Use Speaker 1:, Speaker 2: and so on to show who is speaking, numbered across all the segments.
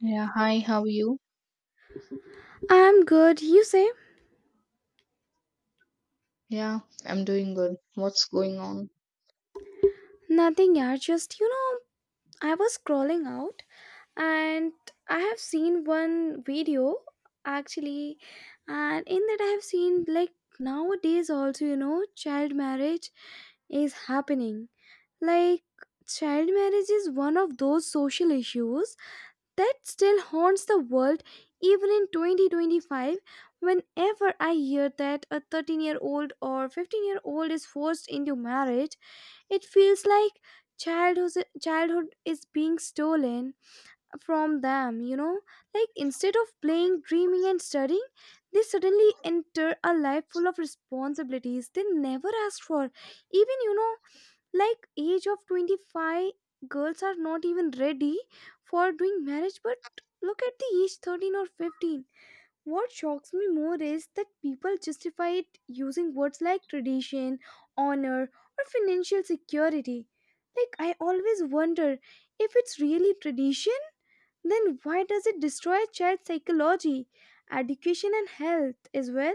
Speaker 1: Yeah, hi, how are you?
Speaker 2: I'm good. You say?
Speaker 1: Yeah, I'm doing good. What's going on?
Speaker 2: Nothing, yeah. Just, I was scrolling out and I have seen one video actually, and in that I have seen like nowadays also, child marriage is happening. Like, child marriage is one of those social issues that still haunts the world even in 2025. Whenever I hear that a 13-year-old or 15-year-old is forced into marriage, it feels like childhood is being stolen from them. Like instead of playing, dreaming and studying, they suddenly enter a life full of responsibilities they never asked for. Even like age of 25, girls are not even ready for doing marriage, but look at the age 13 or 15. What shocks me more is that people justify it using words like tradition, honor, or financial security. Like, I always wonder if it's really tradition, then why does it destroy a child's psychology, education, and health as well?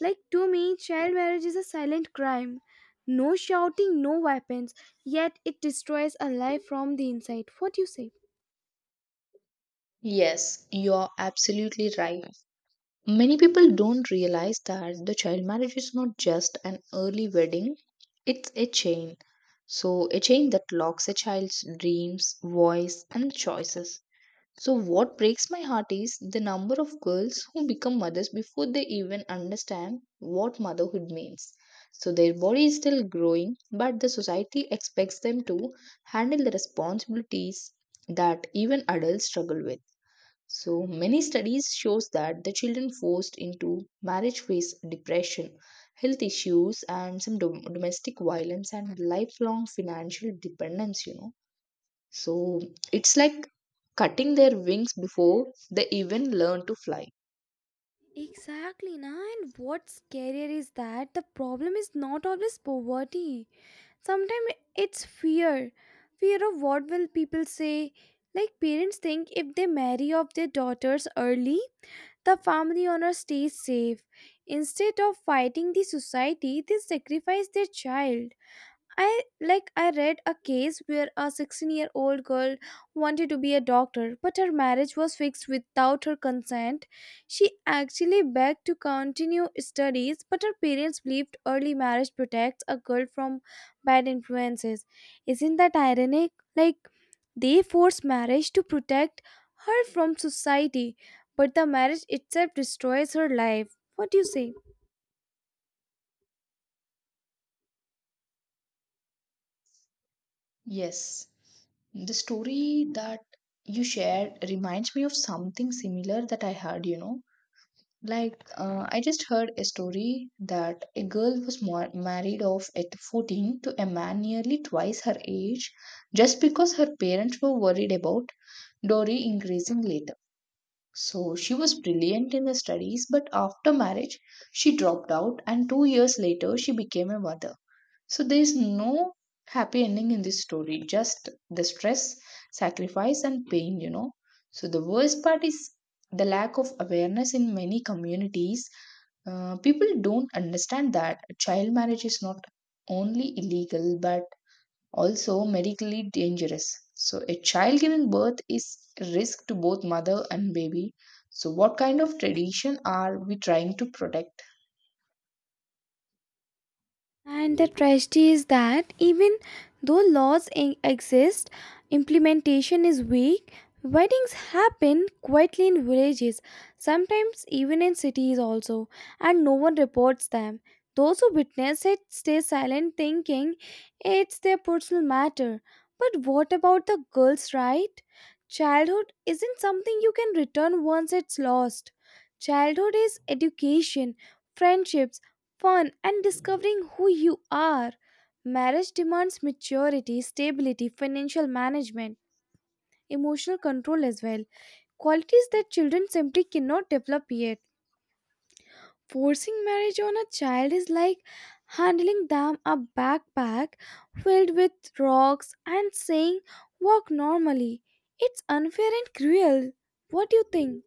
Speaker 2: Like, to me, child marriage is a silent crime. No shouting, no weapons, yet it destroys a life from the inside. What do you say?
Speaker 1: Yes, you're absolutely right. Many people don't realize that the child marriage is not just an early wedding, it's a chain. So, a chain that locks a child's dreams, voice, and choices. So, what breaks my heart is the number of girls who become mothers before they even understand what motherhood means. So, their body is still growing, but the society expects them to handle the responsibilities that even adults struggle with. So, many studies shows that the children forced into marriage face depression, health issues, and some domestic violence and lifelong financial dependence. You know, so it's like cutting their wings before they even learn to fly.
Speaker 2: Exactly, na. And what's scarier is that the problem is not always poverty. Sometimes it's fear. Fear of what will people say. Like parents think if they marry off their daughters early, the family honor stays safe. Instead of fighting the society, they sacrifice their child. I read a case where a 16-year-old girl wanted to be a doctor but her marriage was fixed without her consent. She actually begged to continue studies but her parents believed early marriage protects a girl from bad influences. Isn't that ironic? Like they force marriage to protect her from society but the marriage itself destroys her life. What do you say?
Speaker 1: Yes, the story that you shared reminds me of something similar that I heard, you know. Like, I just heard a story that a girl was married off at 14 to a man nearly twice her age just because her parents were worried about dowry increasing later. So she was brilliant in the studies, but after marriage, she dropped out, and 2 years later, she became a mother. So there is no happy ending in this story, just the stress, sacrifice, and pain, you know. So the worst part is the lack of awareness in many communities. People don't understand that child marriage is not only illegal, but also medically dangerous. So, a child giving birth is a risk to both mother and baby. So, what kind of tradition are we trying to protect?
Speaker 2: And the tragedy is that even though laws exist, implementation is weak. Weddings happen quietly in villages, sometimes even in cities also, and no one reports them. Those who witness it stay silent, thinking it's their personal matter. But what about the girls' right? Childhood isn't something you can return once it's lost. Childhood is education, friendships, fun, and discovering who you are. Marriage demands maturity, stability, financial management, emotional control as well, qualities that children simply cannot develop yet. Forcing marriage on a child is like handling them a backpack filled with rocks and saying, walk normally. It's unfair and cruel. What do you think?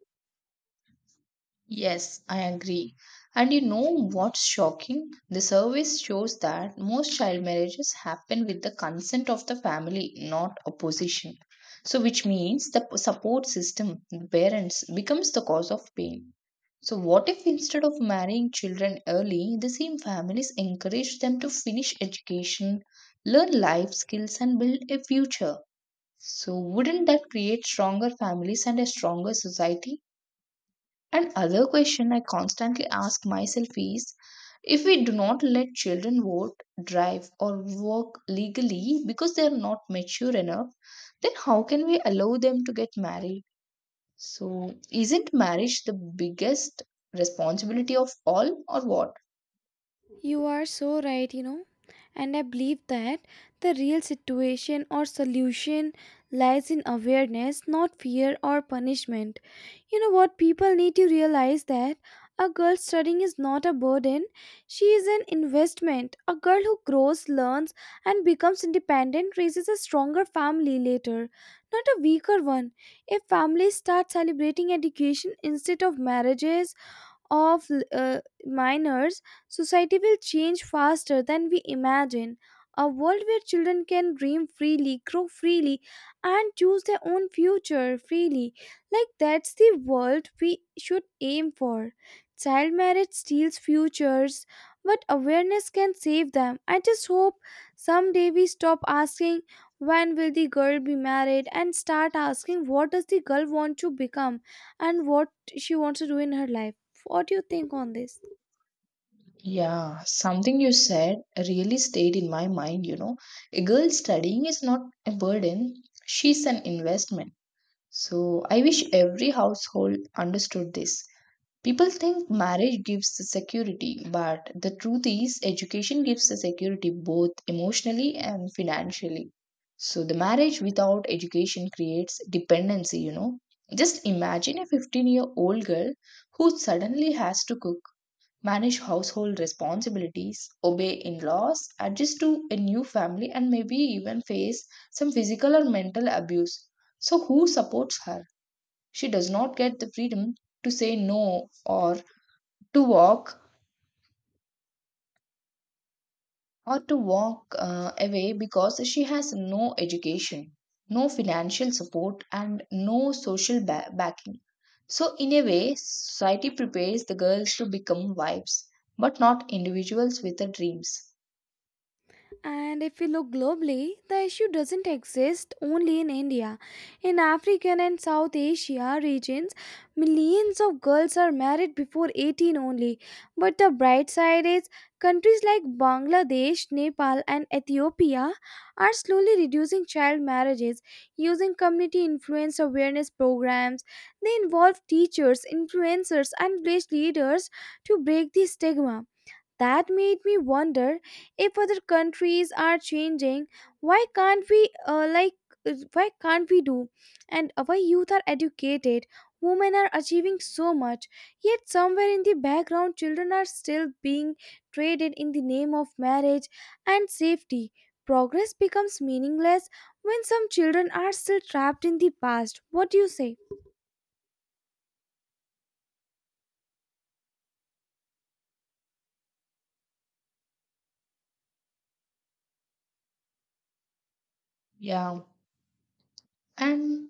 Speaker 1: Yes, I agree. And you know what's shocking? The survey shows that most child marriages happen with the consent of the family, not opposition. So, which means the support system, the parents, becomes the cause of pain. So, what if instead of marrying children early, the same families encourage them to finish education, learn life skills, and build a future? So, wouldn't that create stronger families and a stronger society? And other question I constantly ask myself is, if we do not let children vote, drive, or work legally because they are not mature enough, then how can we allow them to get married? So, isn't marriage the biggest responsibility of all, or what?
Speaker 2: You are so right, you know, and I believe that the real situation or solution lies in awareness, not fear or punishment. You know what? People need to realize that a girl studying is not a burden, she is an investment. A girl who grows, learns, and becomes independent raises a stronger family later, not a weaker one. If families start celebrating education instead of marriages, of minors, society will change faster than we imagine. A world where children can dream freely, grow freely, and choose their own future freely. Like that's the world we should aim for. Child marriage steals futures, but awareness can save them. I just hope someday we stop asking when will the girl be married and start asking what does the girl want to become and what she wants to do in her life. What do you think on this?
Speaker 1: Yeah, something you said really stayed in my mind. You know, a girl studying is not a burden, she's an investment. So, I wish every household understood this. People think marriage gives the security, but the truth is, education gives the security both emotionally and financially. So, the marriage without education creates dependency, you know. Just imagine a 15-year-old girl who suddenly has to cook, manage household responsibilities, obey in laws, adjust to a new family, and maybe even face some physical or mental abuse. So, who supports her? She does not get the freedom to say no to walk or to walk away because she has no education, no financial support, and no social backing. So, in a way, society prepares the girls to become wives, but not individuals with the dreams.
Speaker 2: And if we look globally, the issue doesn't exist only in India. In African and South Asia regions, millions of girls are married before 18 only. But the bright side is countries like Bangladesh, Nepal, and Ethiopia are slowly reducing child marriages using community influence awareness programs. They involve teachers, influencers, and village leaders to break the stigma. That made me wonder if other countries are changing. Why can't we uh, like why can't we do? And our youth are educated, women are achieving so much, yet somewhere in the background children are still being traded in the name of marriage and safety. Progress becomes meaningless when some children are still trapped in the past. What do you say?
Speaker 1: Yeah, and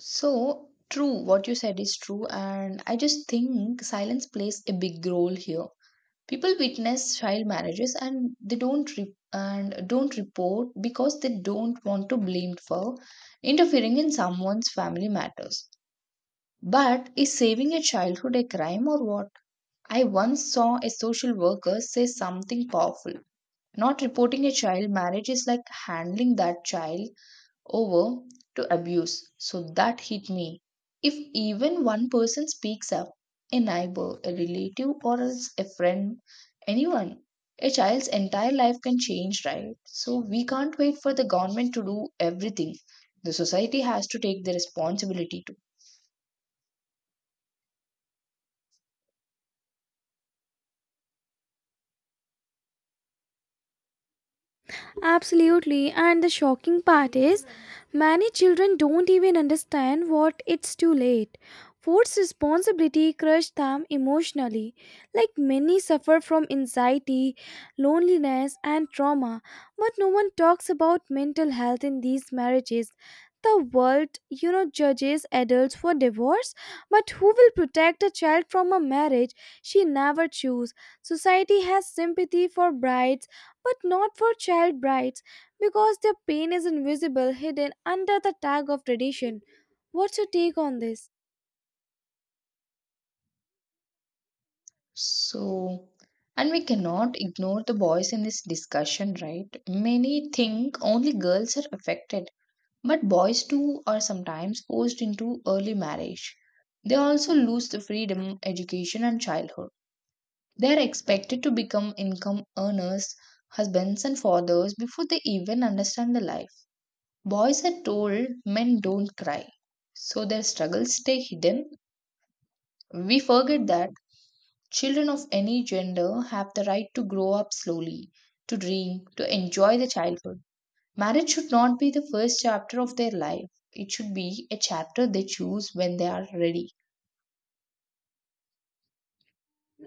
Speaker 1: so true, what you said is true, and I just think silence plays a big role here. People witness child marriages and they don't re- and don't report because they don't want to blamed for interfering in someone's family matters. But is saving a childhood a crime, or what? I once saw a social worker say something powerful: not reporting a child marriage is like handling that child over to abuse. So that hit me. If even one person speaks up, a neighbor, a relative, or else a friend, anyone, a child's entire life can change, right? So we can't wait for the government to do everything. The society has to take the responsibility too.
Speaker 2: Absolutely. And the shocking part is, many children don't even understand what it's too late. Forced responsibility crushed them emotionally. Like many suffer from anxiety, loneliness, and trauma. But no one talks about mental health in these marriages. The world, you know, judges adults for divorce, but who will protect a child from a marriage she never chose? Society has sympathy for brides but not for child brides because their pain is invisible, hidden under the tag of tradition. What's your take on this?
Speaker 1: So, and we cannot ignore the boys in this discussion, right? Many think only girls are affected, but boys too are sometimes forced into early marriage. They also lose the freedom, education, and childhood. They are expected to become income earners, husbands, and fathers before they even understand the life. Boys are told men don't cry, so their struggles stay hidden. We forget that children of any gender have the right to grow up slowly, to dream, to enjoy the childhood. Marriage should not be the first chapter of their life. It should be a chapter they choose when they are ready.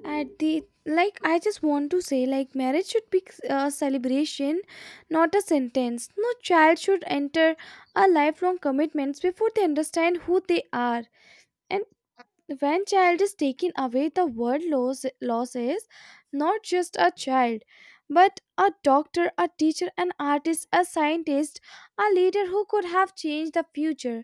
Speaker 2: At the like, I just want to say like marriage should be a celebration, not a sentence. No child should enter a lifelong commitments before they understand who they are. And when child is taken away the word loss is not just a child but a doctor, a teacher, an artist, a scientist, a leader who could have changed the future.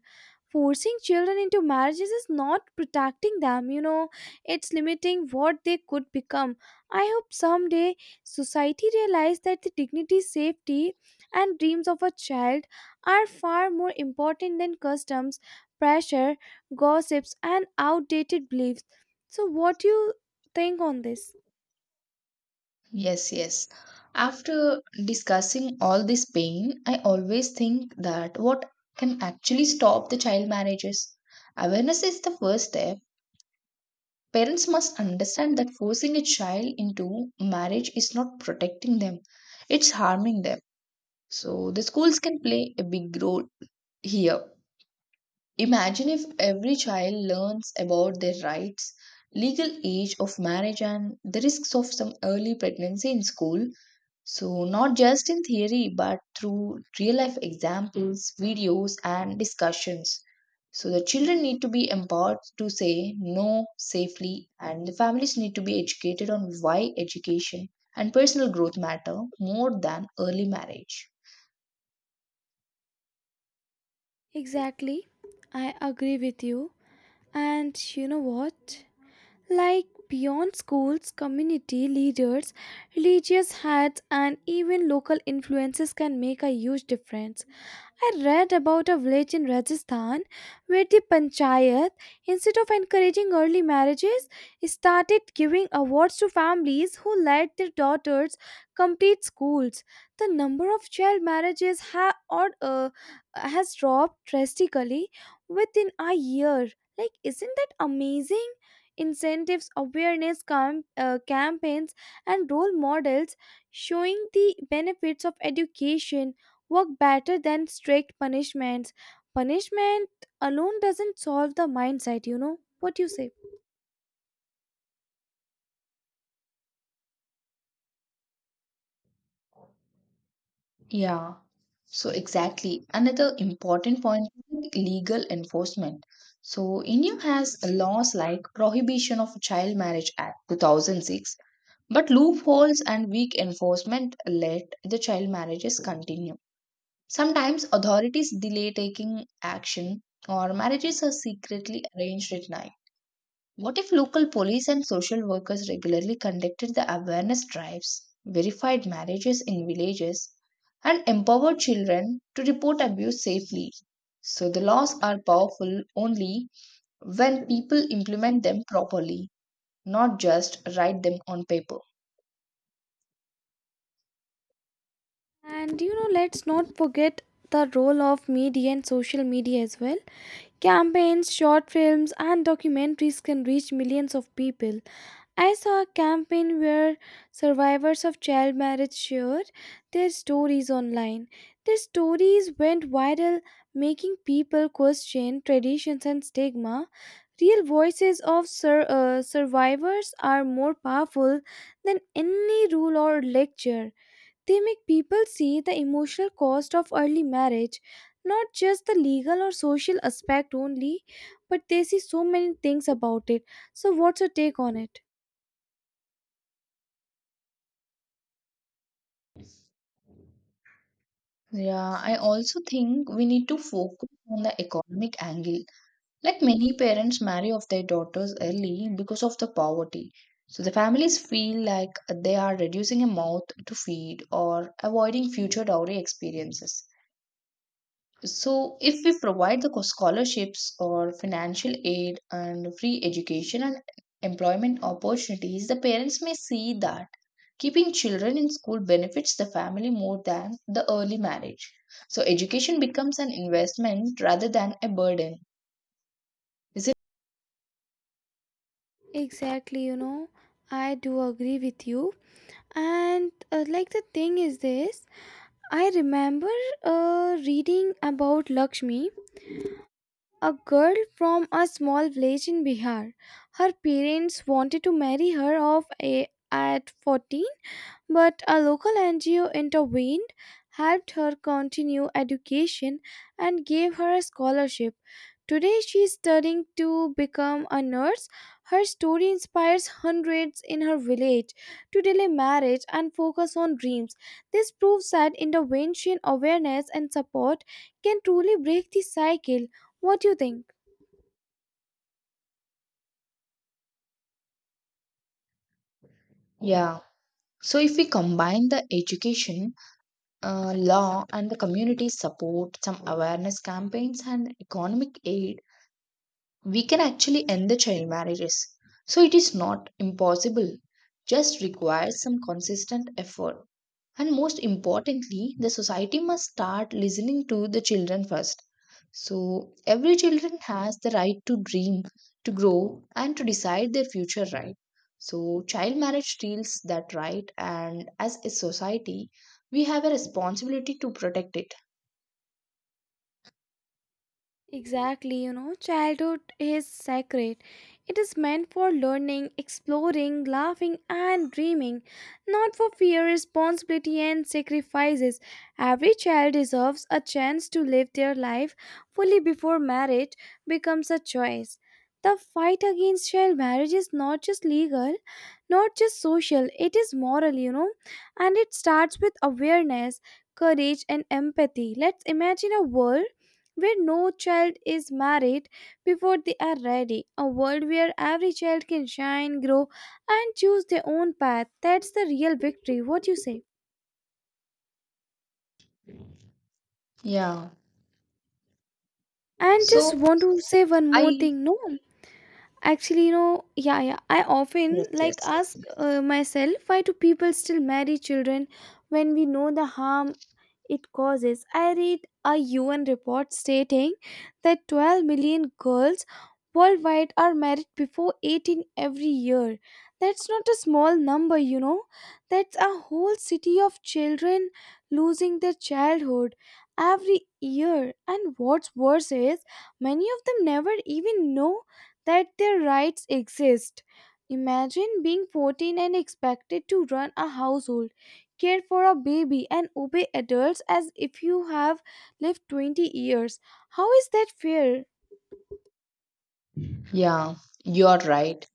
Speaker 2: Forcing children into marriages is not protecting them, you know, it's limiting what they could become. I hope someday society realizes that the dignity, safety, and dreams of a child are far more important than customs, pressure, gossips, and outdated beliefs. So, what do you think on this?
Speaker 1: Yes, yes. After discussing all this pain, I always think that what can actually stop the child marriages? Awareness is the first step. Parents must understand that forcing a child into marriage is not protecting them, it's harming them. So, the schools can play a big role here. Imagine if every child learns about their rights, legal age of marriage, and the risks of some early pregnancy in school. So, not just in theory, but through real life examples, videos, and discussions. So, the children need to be empowered to say no safely, and the families need to be educated on why education and personal growth matter more than early marriage.
Speaker 2: Exactly. I agree with you. And you know what? Like beyond schools, community leaders, religious heads, and even local influences can make a huge difference. I read about a village in Rajasthan where the panchayat, instead of encouraging early marriages, started giving awards to families who let their daughters complete schools. The number of child marriages has dropped drastically within a year. Like, isn't that amazing? Incentives, campaigns, and role models showing the benefits of education work better than strict punishments. Punishment alone doesn't solve the mindset, you know. What do you say?
Speaker 1: Yeah, so exactly. Another important point is legal enforcement. So India has laws like prohibition of child marriage act 2006, but loopholes and weak enforcement let the child marriages continue. Sometimes authorities delay taking action or marriages are secretly arranged at night. What if local police and social workers regularly conducted the awareness drives, verified marriages in villages, and empowered children to report abuse safely? So the laws are powerful only when people implement them properly, not just write them on paper.
Speaker 2: And you know, let's not forget the role of media and social media as well. Campaigns, short films, and documentaries can reach millions of people. I saw a campaign where survivors of child marriage shared their stories online. Their stories went viral, making people question traditions and stigma. Real voices of survivors are more powerful than any rule or lecture. They make people see the emotional cost of early marriage, not just the legal or social aspect only, but they see so many things about it. So, what's your take on it?
Speaker 1: Yeah, I also think we need to focus on the economic angle. Like many parents marry off their daughters early because of the poverty. So the families feel like they are reducing a mouth to feed or avoiding future dowry experiences. So if we provide the scholarships or financial aid and free education and employment opportunities, the parents may see that keeping children in school benefits the family more than the early marriage. So education becomes an investment rather than a burden. Is it?
Speaker 2: Exactly, you know, I do agree with you. And like the thing is this, I remember reading about Lakshmi, a girl from a small village in Bihar. Her parents wanted to marry her off at 14, but a local NGO intervened, helped her continue education, and gave her a scholarship. Today, she is studying to become a nurse. Her story inspires hundreds in her village to delay marriage and focus on dreams. This proves that intervention, awareness, and support can truly break the cycle. What do you think?
Speaker 1: Yeah. So, if we combine the education, law, and the community support, some awareness campaigns, and economic aid, we can actually end the child marriages. So it is not impossible, just requires some consistent effort. And most importantly, the society must start listening to the children first. So every children has the right to dream, to grow and to decide their future right. So child marriage steals that right and as a society we have a responsibility to protect it.
Speaker 2: Exactly, you know, childhood is sacred. It is meant for learning, exploring, laughing, and dreaming, not for fear, responsibility, and sacrifices. Every child deserves a chance to live their life fully before marriage becomes a choice. The fight against child marriage is not just legal, not just social, it is moral, you know, and it starts with awareness, courage, and empathy. Let's imagine a world where no child is married before they are ready, a world where every child can shine, grow, and choose their own path. That's the real victory. What you say?
Speaker 1: Yeah.
Speaker 2: And just
Speaker 1: So
Speaker 2: want to say one more
Speaker 1: I
Speaker 2: thing. No, actually, you know, yeah, yeah. I
Speaker 1: Yes,
Speaker 2: often
Speaker 1: yes.
Speaker 2: like ask myself, why do people still marry children when we know the harm it causes? I read a UN report stating that 12 million girls worldwide are married before 18 every year. That's not a small number, you know. That's a whole city of children losing their childhood every year. And what's worse is many of them never even know that their rights exist. Imagine being 14 and expected to run a household, care for a baby and obey adults as if you have lived 20 years. How is that fair?
Speaker 1: Yeah, you're right.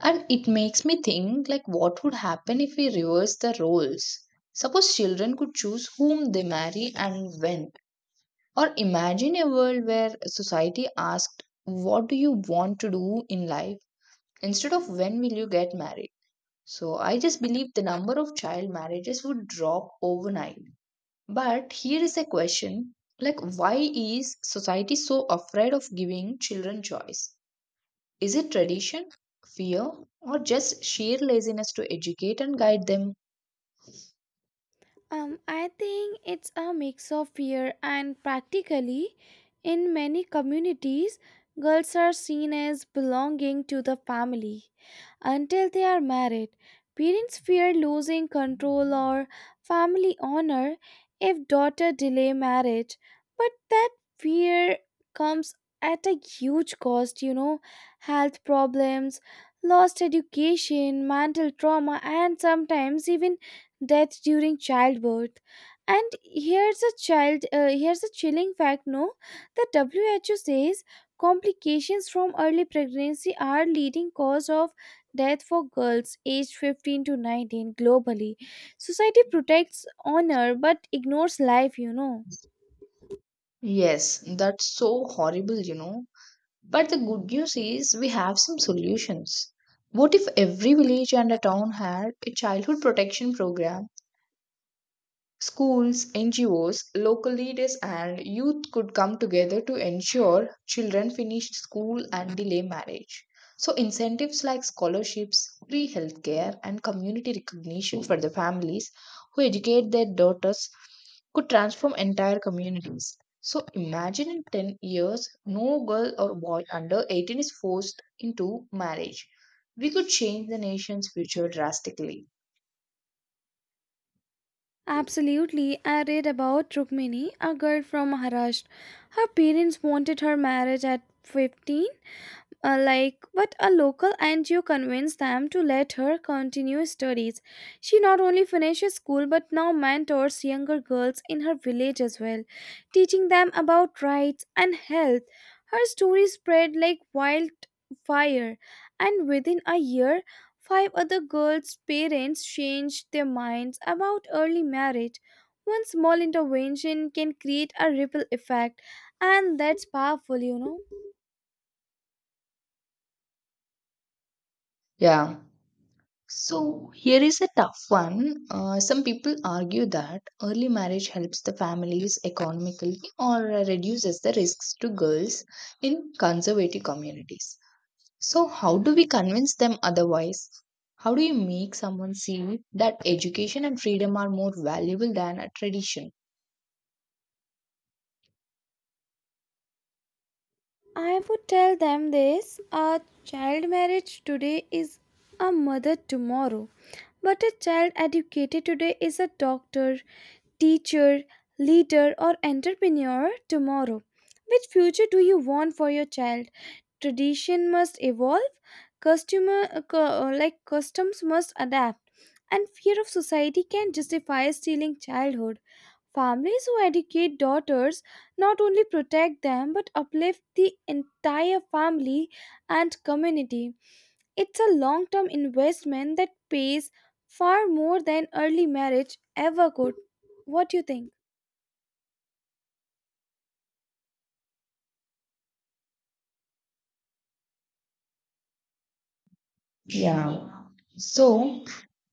Speaker 1: And it makes me think, like what would happen if we reverse the roles? Suppose children could choose whom they marry and when. Or imagine a world where society asked, "What do you want to do in life?" instead of when will you get married. So I just believe the number of child marriages would drop overnight. But here is a question like, why is society so afraid of giving children choice? Is it tradition, fear, or just sheer laziness to educate and guide them?
Speaker 2: I think it's a mix of fear and practically. In many communities, girls are seen as belonging to the family until they are married. Parents fear losing control or family honor if daughter delay marriage, but that fear comes at a huge cost, you know, health problems, lost education, mental trauma and sometimes even death during childbirth. And here's a child. Here's a chilling fact. No, the WHO says complications from early pregnancy are leading cause of death for girls aged 15 to 19 globally. Society protects honor but ignores life. You know.
Speaker 1: Yes, that's so horrible, you know. But the good news is we have some solutions. What if every village and a town had a childhood protection program? Schools, NGOs, local leaders, and youth could come together to ensure children finish school and delay marriage. So, incentives like scholarships, free healthcare, and community recognition for the families who educate their daughters could transform entire communities. So, imagine in 10 years, no girl or boy under 18 is forced into marriage. We could change the nation's future drastically.
Speaker 2: Absolutely. I read about Rukmini, a girl from Maharashtra. Her parents wanted her marriage at 15, but a local NGO convinced them to let her continue studies. She not only finishes school but now mentors younger girls in her village as well, teaching them about rights and health. Her story spread like wildfire, and within a year, five other girls' parents changed their minds about early marriage. One small intervention can create a ripple effect, and that's powerful,
Speaker 1: Yeah. So here is a tough one. Some people argue that early marriage helps the families economically or reduces the risks to girls in conservative communities. So how do we convince them otherwise? How do you make someone see that education and freedom are more valuable than a tradition?
Speaker 2: I would tell them this: a child marriage today is a mother tomorrow, but a child educated today is a doctor, teacher, leader, or entrepreneur tomorrow. Which future do you want for your child? Tradition must evolve. Like, customs must adapt, and fear of society can justify stealing childhood. Families who educate daughters not only protect them but uplift the entire family and community. It's a long-term investment that pays far more than early marriage ever could. What do you think?
Speaker 1: Yeah. So,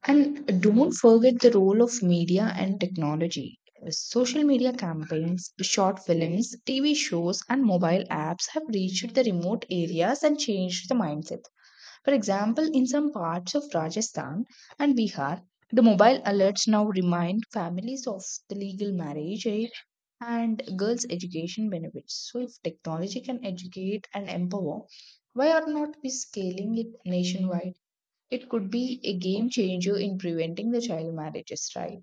Speaker 1: and don't forget the role of media and technology. Social media campaigns, short films, TV shows, and mobile apps have reached the remote areas and changed the mindset. For example, in some parts of Rajasthan and Bihar, the mobile alerts now remind families of the legal marriage aid and girls' education benefits. So, if technology can educate and empower, why are not we scaling it nationwide? It could be a game changer in preventing the child marriages, right?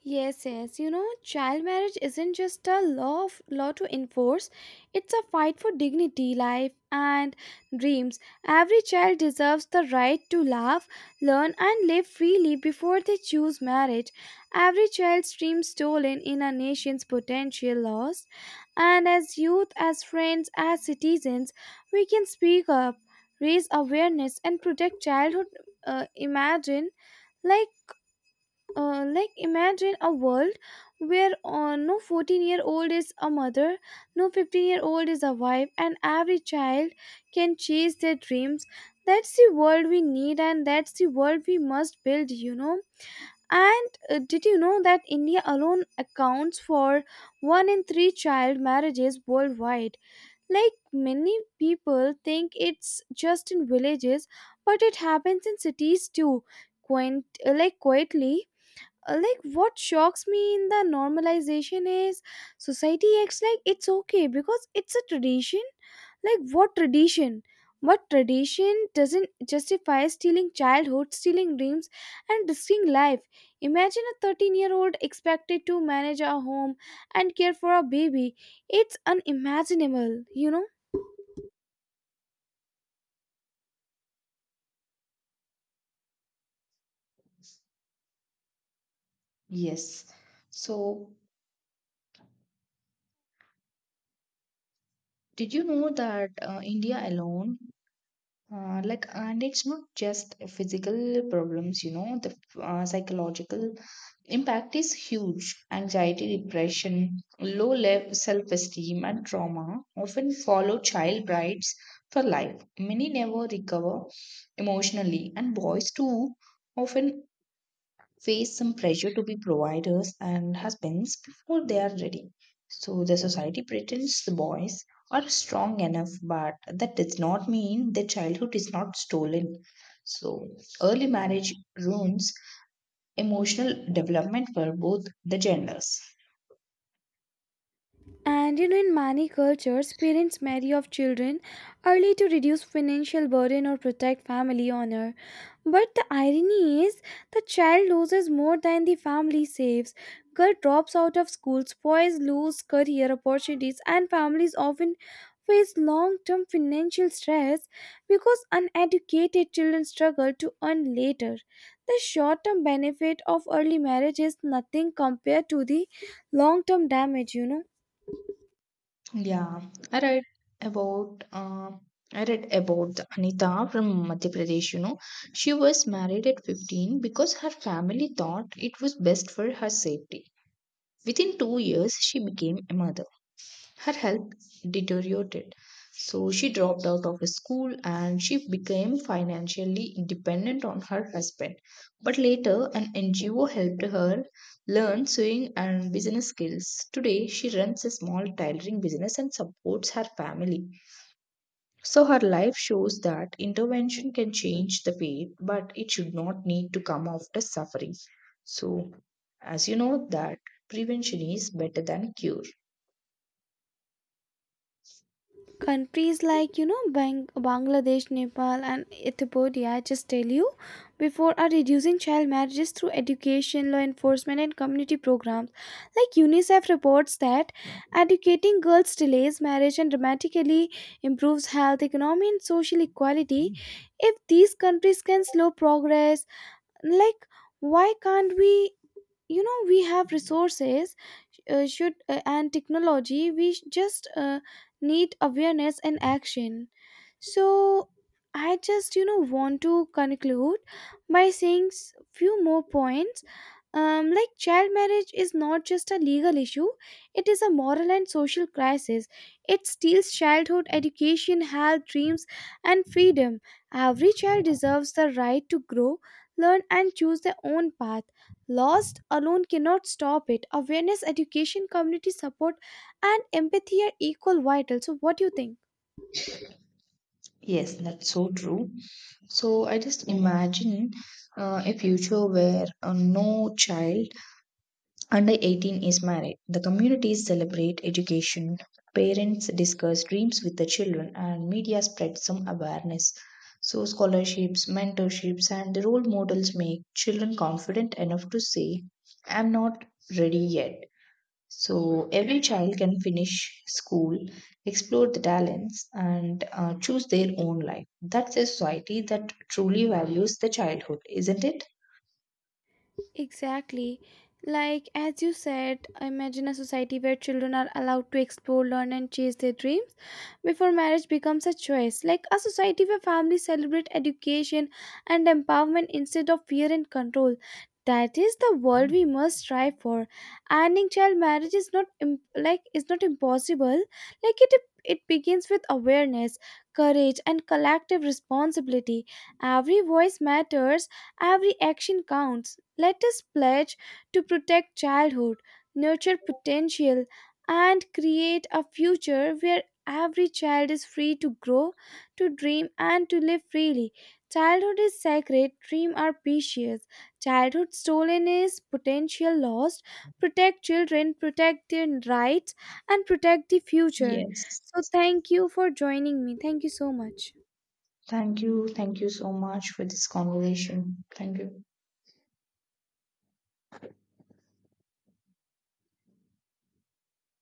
Speaker 2: Yes, yes. Child marriage isn't just a law to enforce. It's a fight for dignity, life, and dreams. Every child deserves the right to laugh, learn, and live freely before they choose marriage. Every child's dream stolen in a nation's potential lost. And as youth, as friends, as citizens, we can speak up, raise awareness, and protect childhood. Imagine like like imagine a world where no 14-year-old is a mother, no 15-year-old is a wife, and every child can chase their dreams. That's the world we need, and that's the world we must build. And did you know that India alone accounts for one in three child marriages worldwide? Like, many people think it's just in villages, but it happens in cities too, quaint, like quietly Like, what shocks me in the normalization is society acts like it's okay because it's a tradition. Like, what tradition? But tradition doesn't justify stealing childhood, stealing dreams, and risking life. Imagine a 13-year-old expected to manage a home and care for a baby. It's unimaginable, you know.
Speaker 1: Yes. So, did you know that India alone, like, and it's not just physical problems, you know, the psychological impact is huge. Anxiety, depression, low level self-esteem, and trauma often follow child brides for life. Many never recover emotionally, and boys too often face some pressure to be providers and husbands before they are ready. So the society pretends the boys are strong enough, but that does not mean their childhood is not stolen. So early marriage ruins emotional development for both the genders.
Speaker 2: And you know, in many cultures, parents marry off children early to reduce financial burden or protect family honor. But the irony is, the child loses more than the family saves. Girl drops out of schools, boys lose career opportunities, and families often face long-term financial stress because uneducated children struggle to earn later. The short-term benefit of early marriage is nothing compared to the long-term damage,
Speaker 1: Yeah, I read about uh, I read about the Anita from Madhya Pradesh. You know, she was married at 15 because her family thought it was best for her safety. Within 2 years, she became a mother. Her health deteriorated, so she dropped out of school and she became financially dependent on her husband. But later, an NGO helped her learn sewing and business skills. Today, she runs a small tailoring business and supports her family. So her life shows that intervention can change the fate, but it should not need to come after suffering. So, as you know, that prevention is better than cure.
Speaker 2: countries like Bangladesh, Nepal, and Ethiopia, I just tell you before, are reducing child marriages through education, law enforcement, and community programs. Like, UNICEF reports that educating girls delays marriage and dramatically improves health, economy, and social equality. If these countries can slow progress, like, why can't we? You know, we have resources should and technology. We just need awareness and action. So I just want to conclude by saying few more points. Like, child marriage is not just a legal issue, it is a moral and social crisis. It steals childhood, education, health, dreams, and freedom. Every child deserves the right to grow, learn, and choose their own path. Lost alone cannot stop it. Awareness, education, community support, and empathy are equal vital. So, what do you think?
Speaker 1: Yes, that's so true. So, I just imagine a future where no child under 18 is married. The communities celebrate education, parents discuss dreams with the children, and media spreads some awareness. So, scholarships, mentorships, and the role models make children confident enough to say, "I'm not ready yet." So, every child can finish school, explore the talents, and choose their own life. That's a society that truly values the childhood, isn't it?
Speaker 2: Exactly. Like, as you said, imagine a society where children are allowed to explore, learn, and chase their dreams before marriage becomes a choice. Like, a society where families celebrate education and empowerment instead of fear and control. That is the world we must strive for. Ending child marriage is not im- like is not impossible. Like it, it begins with awareness, courage, and collective responsibility. Every voice matters, every action counts. Let us pledge to protect childhood, nurture potential, and create a future where every child is free to grow, to dream, and to live freely. Childhood is sacred, dreams are precious. Childhood stolen is potential lost. Protect children, protect their rights, and protect the future.
Speaker 1: Yes.
Speaker 2: So, thank you for joining me. Thank you so much.
Speaker 1: Thank you. Thank you so much for this conversation. Thank you.